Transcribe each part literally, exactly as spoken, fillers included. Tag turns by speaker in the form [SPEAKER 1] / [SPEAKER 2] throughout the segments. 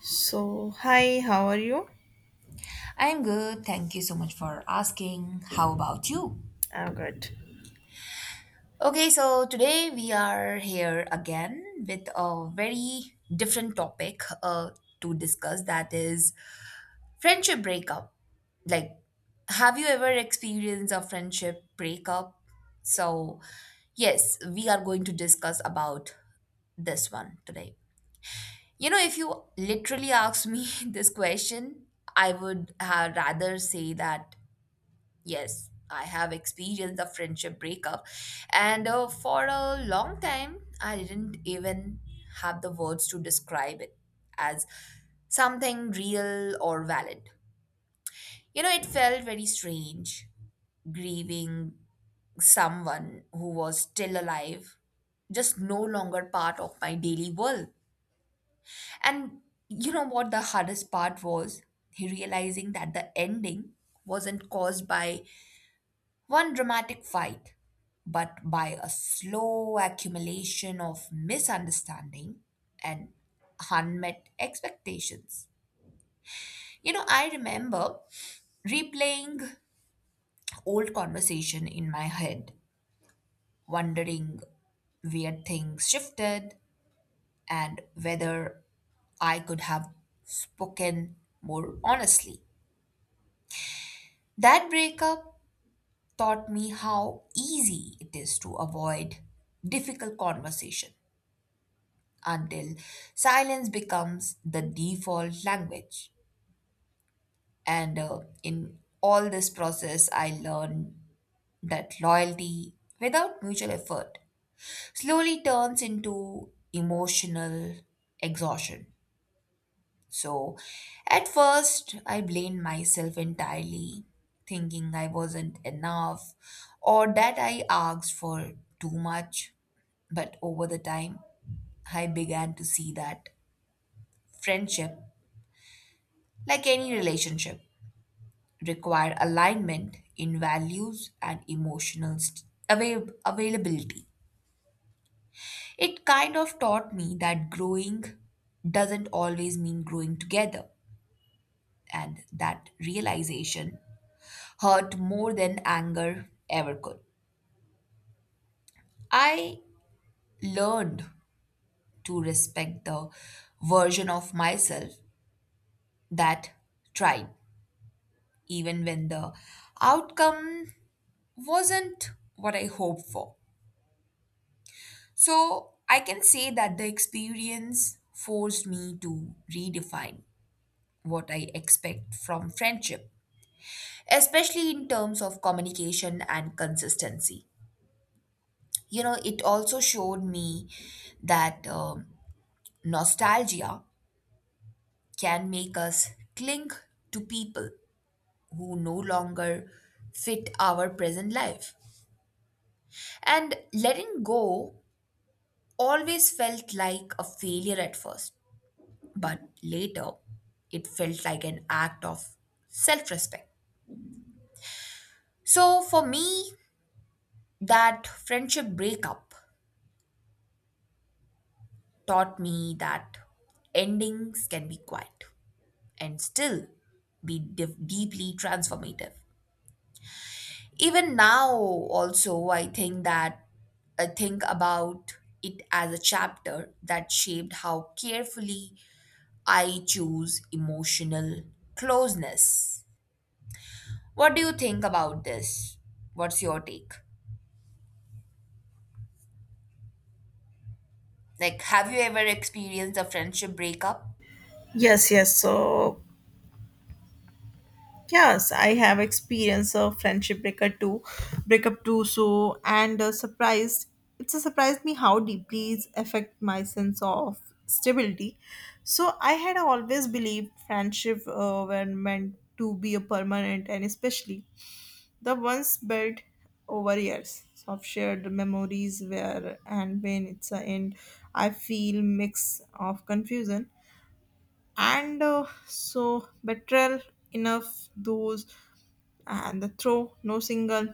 [SPEAKER 1] So, hi, how are you?
[SPEAKER 2] I'm good. Thank you so much for asking. How about you?
[SPEAKER 1] I'm good.
[SPEAKER 2] Okay, so today we are here again with a very different topic uh, to discuss, that is friendship breakup. Like, have you ever experienced a friendship breakup? So, yes, we are going to discuss about this one today. You know, if you literally ask me this question, I would have rather say that yes, I have experienced a friendship breakup, and uh, for a long time, I didn't even have the words to describe it as something real or valid. You know, it felt very strange grieving someone who was still alive, just no longer part of my daily world. And you know what the hardest part was? Realizing that the ending wasn't caused by one dramatic fight, but by a slow accumulation of misunderstanding and unmet expectations. You know, I remember replaying old conversation in my head, wondering where things shifted and whether I could have spoken more honestly. That breakup taught me how easy it is to avoid difficult conversation until silence becomes the default language. And uh, in all this process, I learned that loyalty without mutual effort slowly turns into emotional exhaustion. So, at first, I blamed myself entirely, thinking I wasn't enough or that I asked for too much. But over the time, I began to see that friendship, like any relationship, require alignment in values and emotional st- avail- availability. It kind of taught me that growing doesn't always mean growing together, and that realization hurt more than anger ever could. I learned to respect the version of myself that tried, even when the outcome wasn't what I hoped for. So I can say that the experience forced me to redefine what I expect from friendship, especially in terms of communication and consistency. You know, it also showed me that um, nostalgia can make us cling to people who no longer fit our present life. And letting go always felt like a failure at first, but later it felt like an act of self respect. So for me, that friendship breakup taught me that endings can be quiet and still be div- deeply transformative. Even now, also, I think that I think about it as a chapter that shaped how carefully I choose emotional closeness. What do you think about this? What's your take? Like, have you ever experienced a friendship breakup?
[SPEAKER 1] Yes, yes. So, yes, I have experience of friendship breakup too, breakup too. So, and uh, surprised, it's a surprised me how deeply it affect my sense of stability. So, I had always believed friendship uh, were meant to be a permanent, and especially the ones built over years of shared memories. Where and when it's a end, I feel mix of confusion and uh, so betrayal enough those and the throw no single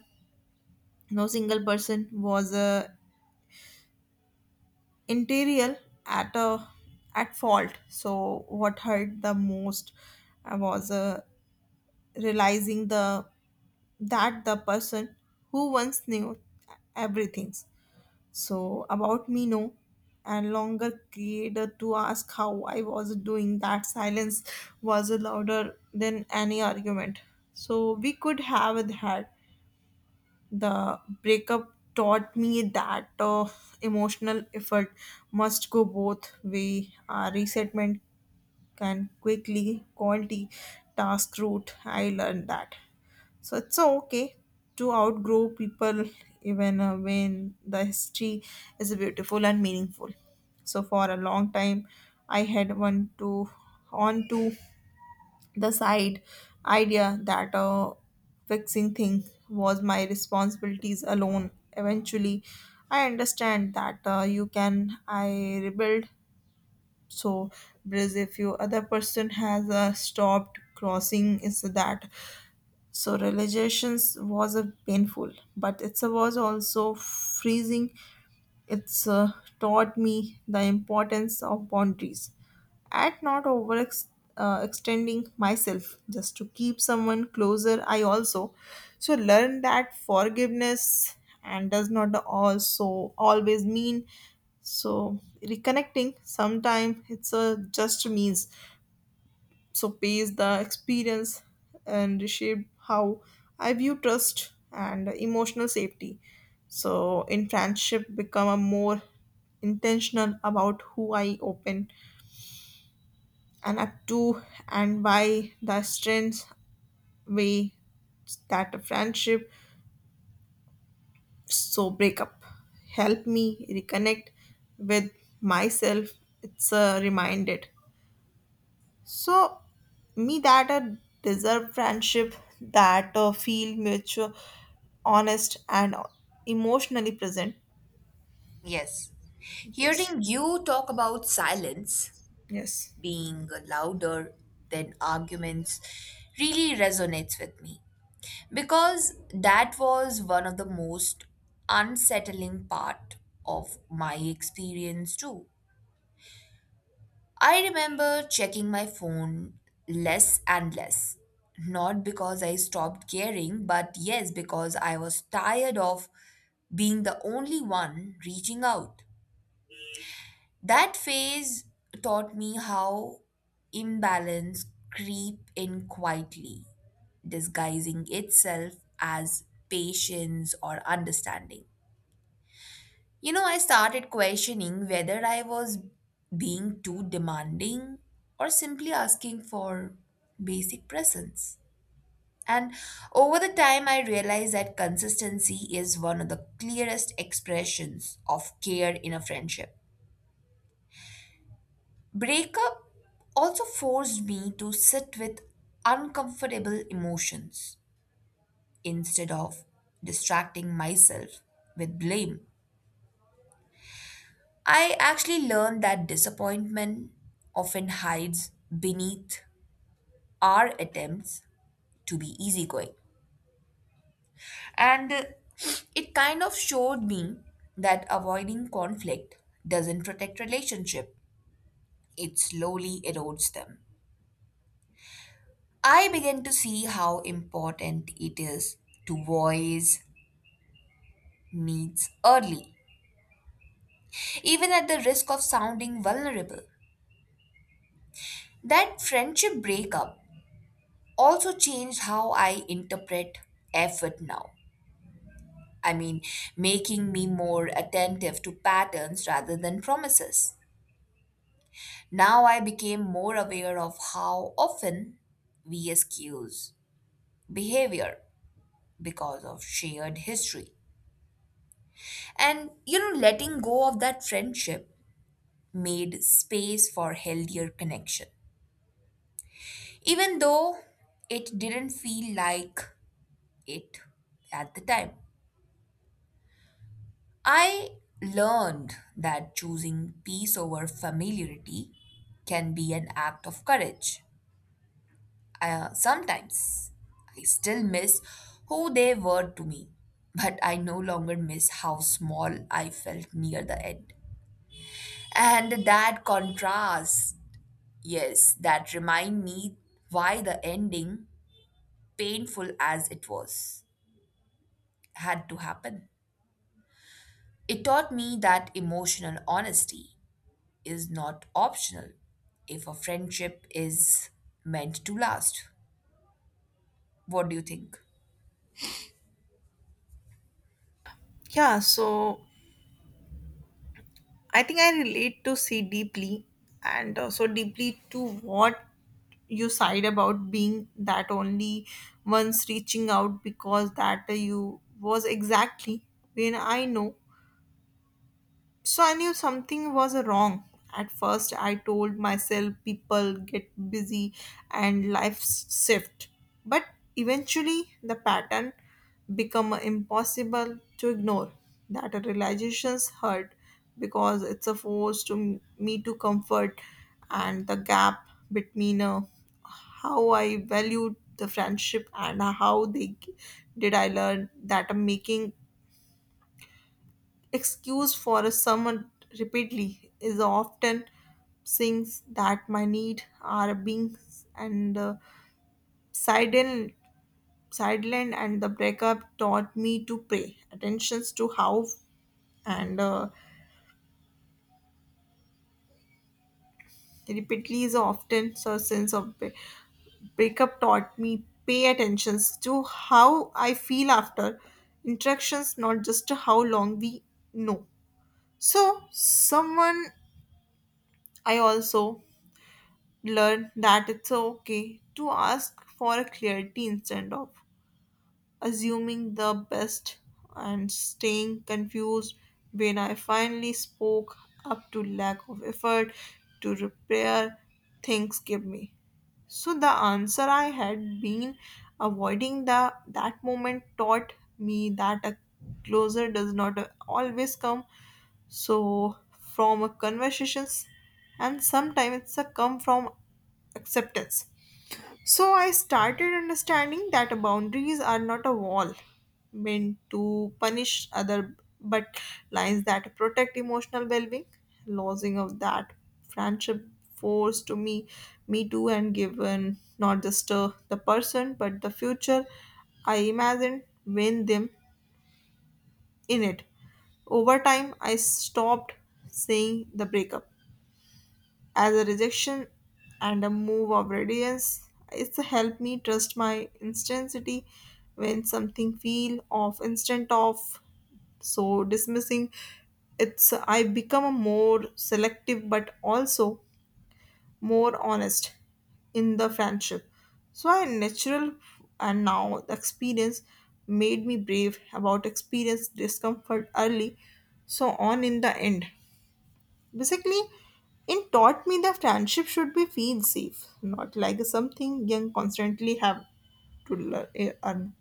[SPEAKER 1] no single person was uh, interior at a at fault. So what hurt the most uh, was uh, realizing the that the person who once knew everything, so about me, no, and longer created to ask how I was doing. That silence was louder than any argument. So we could have had the breakup taught me that uh, emotional effort must go both way. Uh, resettlement can quickly quality task route. I learned that. So it's okay to outgrow people even uh, when the history is beautiful and meaningful. So for a long time, I had one to on to the side idea that uh, fixing thing was my responsibilities alone. Eventually, I understand that uh, you can I rebuild. So, because if you other person has uh, stopped crossing, is that so realizations was a painful, but it was also freezing. It's uh, taught me the importance of boundaries and not over ex- uh, extending myself just to keep someone closer. I also so learned that forgiveness and does not also always mean so reconnecting. Sometimes it's a just means so pays the experience and reshape how I view trust and emotional safety. So in friendship, become a more intentional about who I open and up to and why the strengths way that a friendship so break up help me reconnect with myself. It's a reminded so me that a deserve friendship that uh, feel mutual, honest, and emotionally present.
[SPEAKER 2] Yes.
[SPEAKER 1] Yes.
[SPEAKER 2] Hearing you talk about silence
[SPEAKER 1] Yes.
[SPEAKER 2] being louder than arguments really resonates with me, because that was one of the most unsettling part of my experience too. I remember checking my phone less and less. Not because I stopped caring, but yes, because I was tired of being the only one reaching out. That phase taught me how imbalance creep in quietly, disguising itself as patience or understanding. You know, I started questioning whether I was being too demanding or simply asking for basic presence. And over the time, I realized that consistency is one of the clearest expressions of care in a friendship. Breakup also forced me to sit with uncomfortable emotions instead of distracting myself with blame. I actually learned that disappointment often hides beneath our attempts to be easygoing. And uh, it kind of showed me that avoiding conflict doesn't protect relationship, it slowly erodes them. I began to see how important it is to voice needs early, even at the risk of sounding vulnerable. That friendship breakup also changed how I interpret effort now. I mean, making me more attentive to patterns rather than promises. Now I became more aware of how often we excuse behavior because of shared history. And you know, letting go of that friendship made space for healthier connection, even though it didn't feel like it at the time. I learned that choosing peace over familiarity can be an act of courage. Uh, sometimes I still miss who they were to me, but I no longer miss how small I felt near the end. And that contrast, yes, that remind me why the ending, painful as it was, had to happen. It taught me that emotional honesty is not optional if a friendship is meant to last. What do you think?
[SPEAKER 1] Yeah. So I think I relate to see deeply, and uh, so deeply to what you side about being that only once reaching out because that you was exactly when I know so I knew something was wrong. At first, I told myself people get busy and life shift. But eventually, the pattern become impossible to ignore. That realizations hurt because it's a force to me to comfort and the gap between uh, how I valued the friendship and how they did. I learn that making excuse for a summer repeatedly is often things that my need are being and uh, sidelined sidelined, and the breakup taught me to pay attentions to how and uh, repeatedly is often so sense of bre- breakup taught me pay attentions to how I feel after interactions, not just how long we know so someone. I also learn that it's okay to ask for clarity instead of assuming the best and staying confused. When I finally spoke up to lack of effort to repair things give me. So the answer I had been avoiding, the that moment taught me that a closer does not always come so from a conversations, and sometimes it's a come from acceptance. So I started understanding that boundaries are not a wall meant to punish other but lines that protect emotional well-being. Losing of that friendship forced to me me too, and given not just uh, the person but the future I imagined when them in it. Over time, I stopped seeing the breakup as a rejection and a move of radiance. It's helped me trust my intensity when something feel off instant off. So dismissing it's I become a more selective but also more honest in the friendship. So I natural and now the experience made me brave about experience discomfort early, so on in the end. Basically, it taught me that friendship should be feel safe, not like something young constantly have to learn, earn.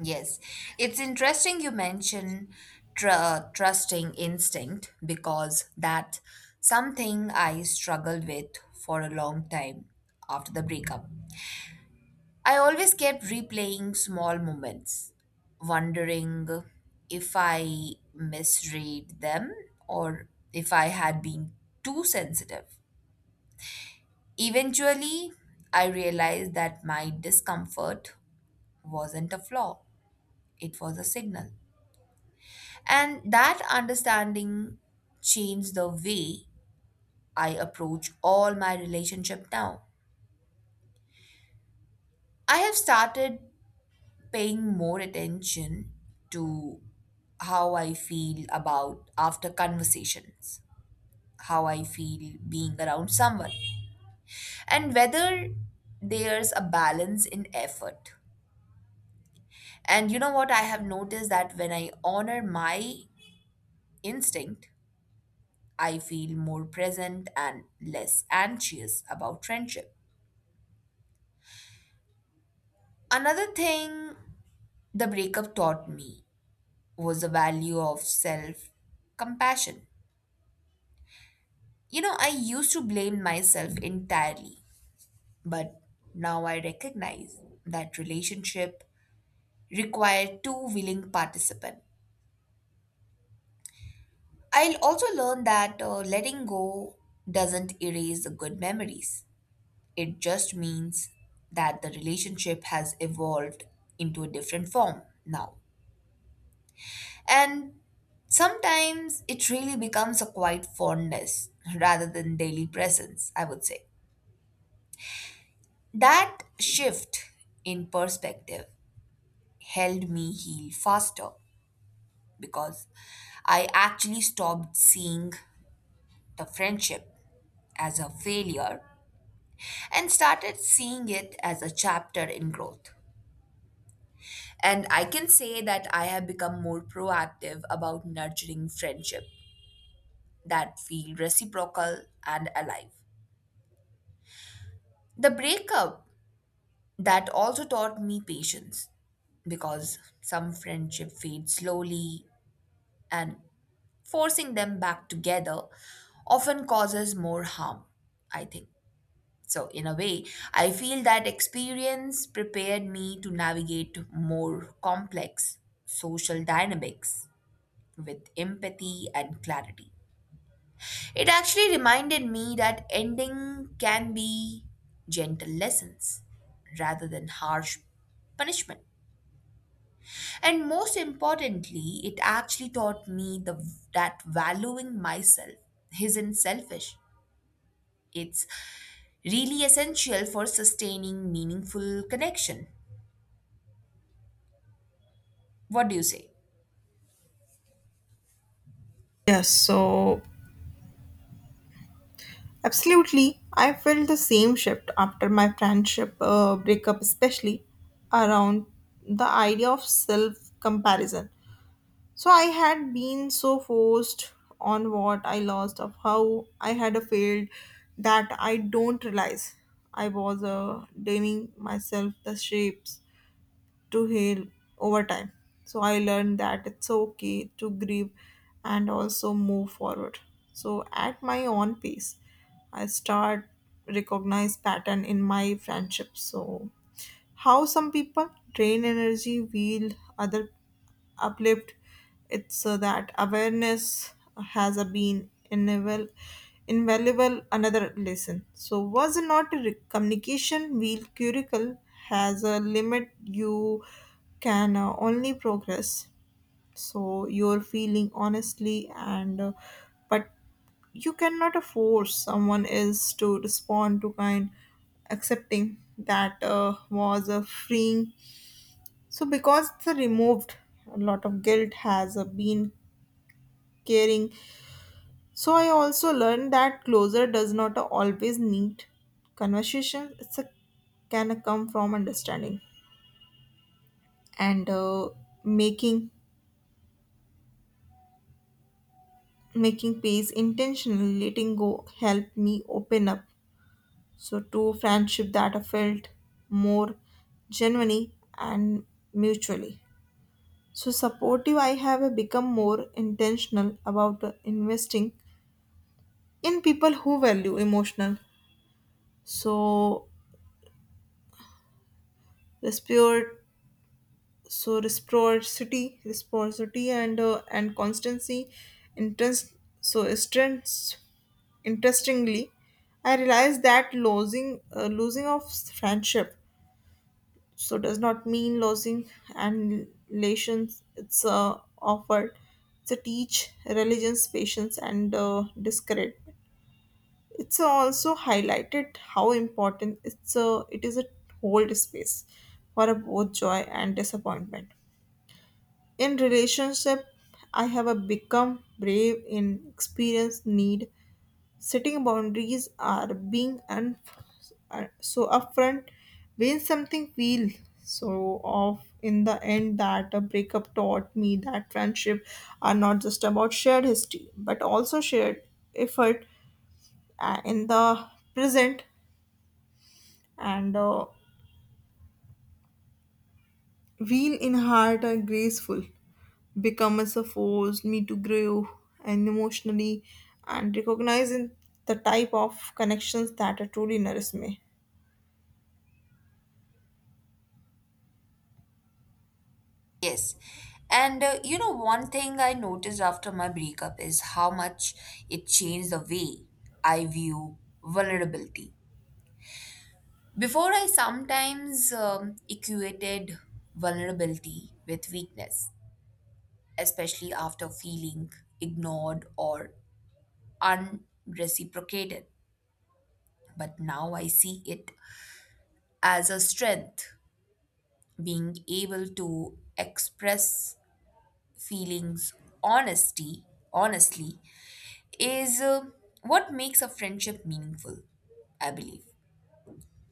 [SPEAKER 2] Yes, it's interesting you mention tr- uh, trusting instinct, because that's something I struggled with for a long time after the breakup. I always kept replaying small moments, wondering if I misread them or if I had been too sensitive. Eventually, I realized that my discomfort wasn't a flaw, it was a signal. And that understanding changed the way I approach all my relationship now. I have started paying more attention to how I feel about after conversations, how I feel being around someone, and whether there's a balance in effort. And you know what? I have noticed that when I honor my instinct, I feel more present and less anxious about friendship. Another thing the breakup taught me was the value of self compassion. You know, I used to blame myself entirely, but now I recognize that relationship required two willing participants. I'll also learn that uh, letting go doesn't erase the good memories. It just means that the relationship has evolved into a different form now. And sometimes it really becomes a quiet fondness rather than daily presence, I would say. That shift in perspective helped me heal faster because I actually stopped seeing the friendship as a failure and started seeing it as a chapter in growth. And I can say that I have become more proactive about nurturing friendship that feel reciprocal and alive. The breakup that also taught me patience, because some friendship fade slowly and forcing them back together often causes more harm, I think. So, in a way, I feel that experience prepared me to navigate more complex social dynamics with empathy and clarity. It actually reminded me that ending can be gentle lessons rather than harsh punishment. And most importantly, it actually taught me the, that valuing myself isn't selfish. It's really essential for sustaining meaningful connection. What do you say?
[SPEAKER 1] Yes, so absolutely. I felt the same shift after my friendship uh, breakup, especially around the idea of self comparison. So I had been so focused on what I lost, of how I had failed, that I don't realize I was uh, dimming myself the shapes to heal over time. So I learned that it's okay to grieve and also move forward. So at my own pace, I start recognize pattern in my friendships. So how some people drain energy, while other uplift. It's uh, that awareness has a been invaluable, invaluable another lesson. So was not a re- communication wheel curricle has a limit you can uh, only progress. So you're feeling honestly and uh, but you cannot force someone else to respond to kind. Accepting that uh, was a freeing so because it's a removed a lot of guilt has uh, been caring. So I also learned that closure does not always need conversation. It's a can come from understanding and uh, making making peace intentionally. Letting go help me open up so two friendship that are felt more genuinely and mutually. So supportive I have become more intentional about investing in people who value emotional. So respect so reciprocity, reciprocity and uh, and constancy interest so strengths interestingly. I realized that losing uh, losing of friendship so does not mean losing and relations. It's uh, offered to teach religions patience and uh, discouragement. It's also highlighted how important it's a, it is a hold space for both joy and disappointment in relationship. I have a become brave in experience need setting boundaries are being un- uh, so upfront when something feel so off. In the end, that a breakup taught me that friendship are not just about shared history but also shared effort uh, in the present and uh, real in heart and graceful become as a force me to grow and emotionally and recognizing the type of connections that truly nourish me.
[SPEAKER 2] Yes. And uh, you know, one thing I noticed after my breakup is how much it changed the way I view vulnerability. Before, I sometimes um, equated vulnerability with weakness, especially after feeling ignored or unreciprocated. But now I see it as a strength, being able to express feelings honesty honestly is uh, what makes a friendship meaningful, I believe.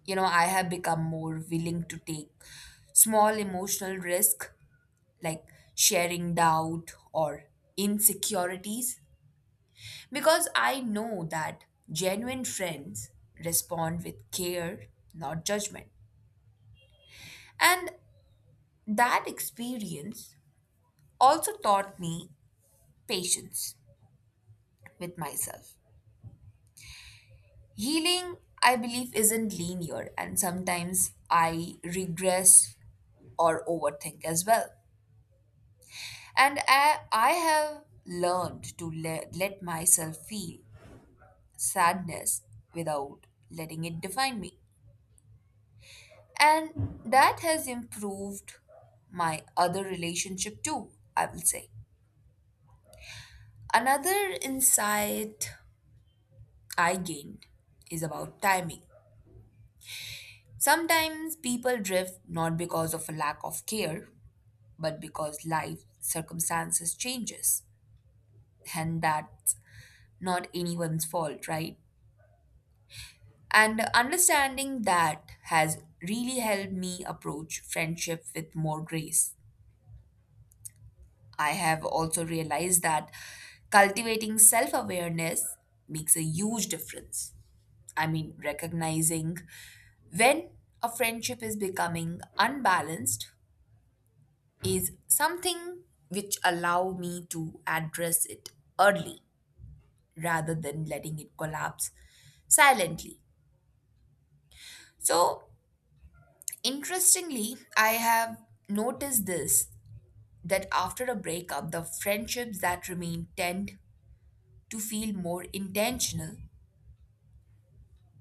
[SPEAKER 2] You know, I have become more willing to take small emotional risk, like sharing doubt or insecurities, because I know that genuine friends respond with care, not judgment. And that experience also taught me patience with myself. Healing, I believe, isn't linear, and sometimes I regress or overthink as well. And I, I have learned to let, let myself feel sadness without letting it define me. And that has improved my other relationship too, I will say. Another insight I gained is about timing. Sometimes people drift not because of a lack of care, but because life circumstances changes, and that's not anyone's fault, right? And understanding that has really helped me approach friendship with more grace. I have also realized that cultivating self-awareness makes a huge difference. I mean, recognizing when a friendship is becoming unbalanced is something which allow me to address it early rather than letting it collapse silently. So, interestingly, I have noticed this, that after a breakup, the friendships that remain tend to feel more intentional,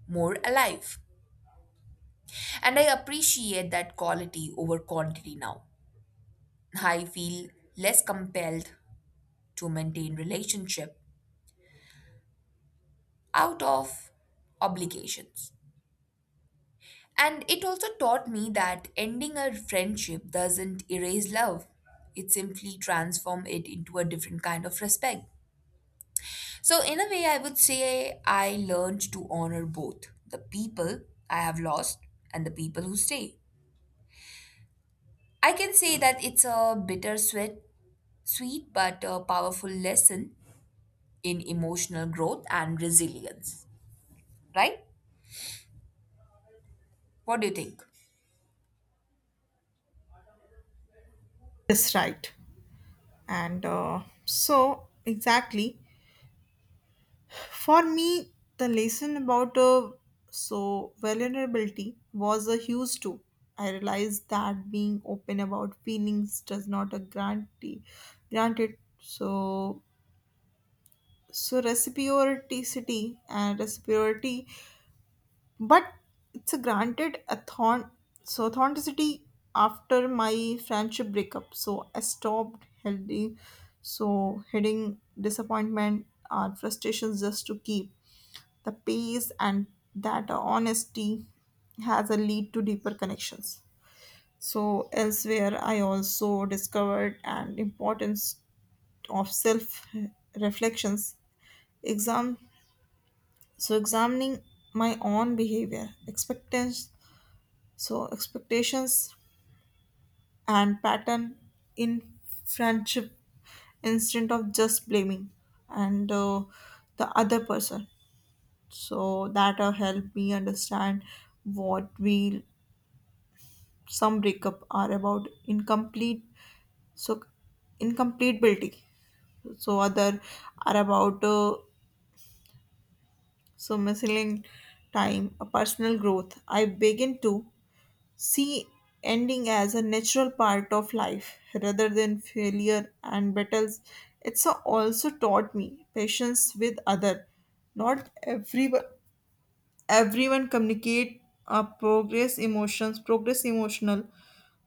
[SPEAKER 2] more alive. And I appreciate that quality over quantity now. I feel less compelled to maintain relationship out of obligations. And it also taught me that ending a friendship doesn't erase love. It simply transforms it into a different kind of respect. So, in a way, I would say I learned to honor both the people I have lost and the people who stay. I can say that it's a bittersweet, sweet but a powerful lesson in emotional growth and resilience. Right? What do you think?
[SPEAKER 1] That's right, and uh, so exactly for me the lesson about uh, so vulnerability was a huge too. I realized that being open about feelings does not a grantee granted so so reciprocity and reciprocity but it's a granted a thorn so authenticity. After my friendship breakup, so I stopped healthy so hitting disappointment or frustrations just to keep the pace, and that honesty has a lead to deeper connections. So elsewhere I also discovered an importance of self reflections, exam so examining my own behavior expectations So expectations and pattern in friendship instead of just blaming and uh, the other person. So that will help me understand what we some breakup are about incomplete so incompatibility. So other are about uh, so missing time, a personal growth. I begin to see ending as a natural part of life rather than failure and battles. It's a- also taught me patience with other. Not everyone everyone communicate uh, progress emotions progress emotional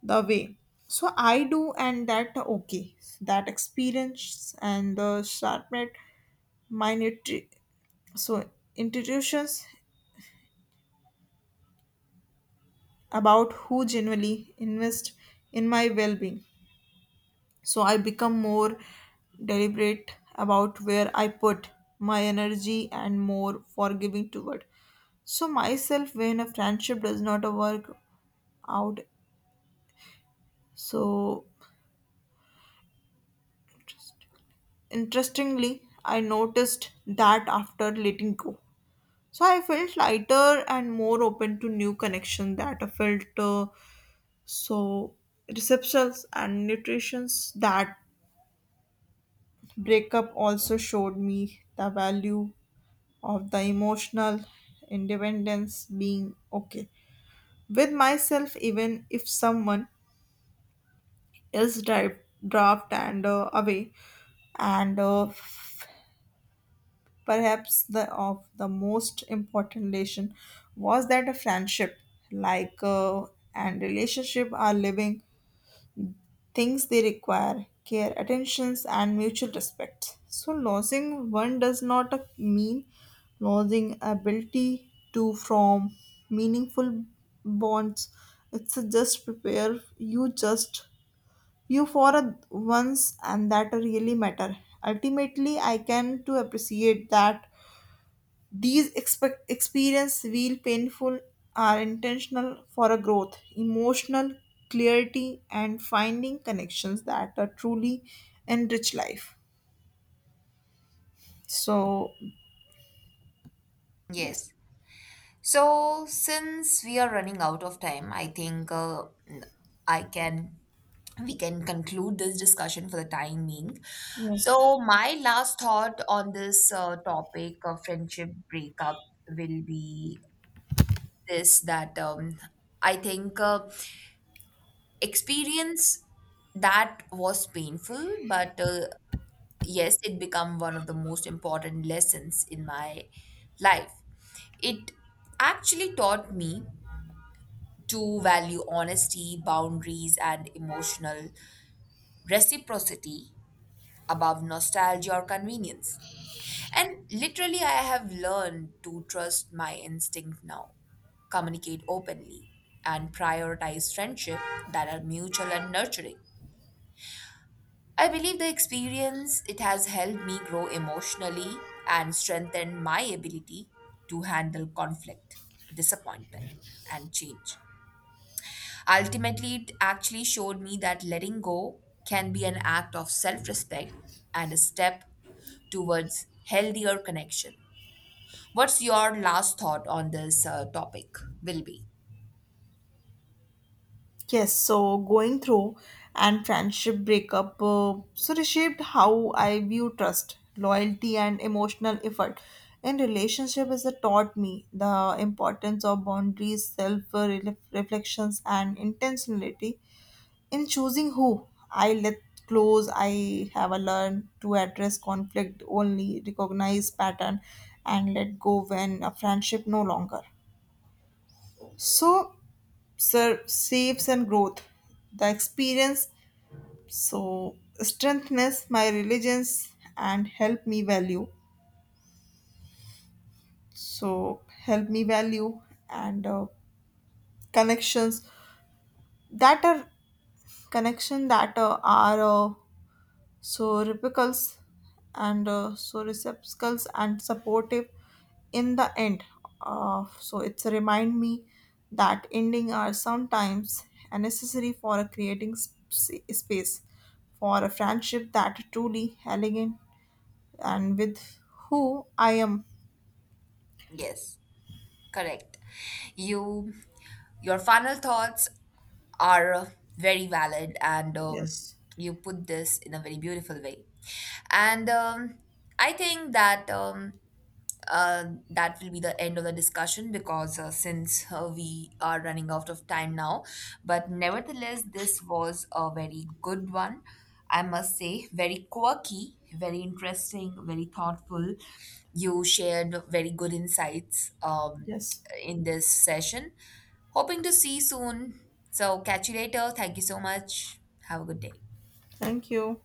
[SPEAKER 1] the way so I do, and that okay. That experience and the sharpened minor so institutions about who genuinely invest in my well-being. So I become more deliberate about where I put my energy and more forgiving toward. So myself when a friendship does not work out. So interestingly, I noticed that after letting go. So I felt lighter and more open to new connection that I felt uh, so receptions and nutritions. That breakup also showed me the value of the emotional independence, being okay with myself even if someone else drive, draft and uh, away, and uh, perhaps the of the most important lesson was that a friendship like uh, and relationship are living things. They require care attentions and mutual respect. So losing one does not uh, mean losing ability to from meaningful bonds. It's a just prepare you just you for a once, and that really matter. Ultimately, I can to appreciate that these expe- experience feel painful are intentional for a growth, emotional clarity, and finding connections that are truly enrich life. So yes,
[SPEAKER 2] Yes. So, since we are running out of time, I think uh, I can we can conclude this discussion for the time being.
[SPEAKER 1] yeah.
[SPEAKER 2] So, my last thought on this uh, topic of friendship breakup will be this, that um, I think uh, experience that was painful, but uh, yes, it become one of the most important lessons in my life. It actually taught me to value honesty, boundaries, and emotional reciprocity above nostalgia or convenience. And literally, I have learned to trust my instinct now, communicate openly, and prioritize friendship that are mutual and nurturing. I believe the experience, it has helped me grow emotionally and strengthen my ability to handle conflict, disappointment, and change. Ultimately, it actually showed me that letting go can be an act of self respect and a step towards healthier connection. What's your last thought on this uh, topic? Will be.
[SPEAKER 1] Yes. So going through and friendship breakup, uh, so reshaped how I view trust, loyalty, and emotional effort. In relationship, is it taught me the importance of boundaries, self uh, reflections, and intentionality in choosing who I let close. I have a learn to address conflict only, recognize pattern, and let go when a friendship no longer. So, sir, saves and growth, the experience so strengthens my religions and help me value. So help me value and uh, connections that are connection that uh, are uh, so repicals and uh, so receptacles and supportive. In the end, uh, so it's a remind me that ending are sometimes a necessary for a creating sp- space for a friendship that truly elegant and with who I am.
[SPEAKER 2] Yes, correct. You, your final thoughts are uh, very valid, and um,
[SPEAKER 1] Yes.
[SPEAKER 2] you put this in a very beautiful way. And um, I think that um, uh, that will be the end of the discussion, because uh, since uh, we are running out of time now, but nevertheless, this was a very good one. I must say, very quirky, very interesting, very thoughtful. You shared very good insights um,
[SPEAKER 1] Yes.
[SPEAKER 2] in this session. Hoping to see you soon. So, catch you later. Thank you so much. Have a good day.
[SPEAKER 1] Thank you.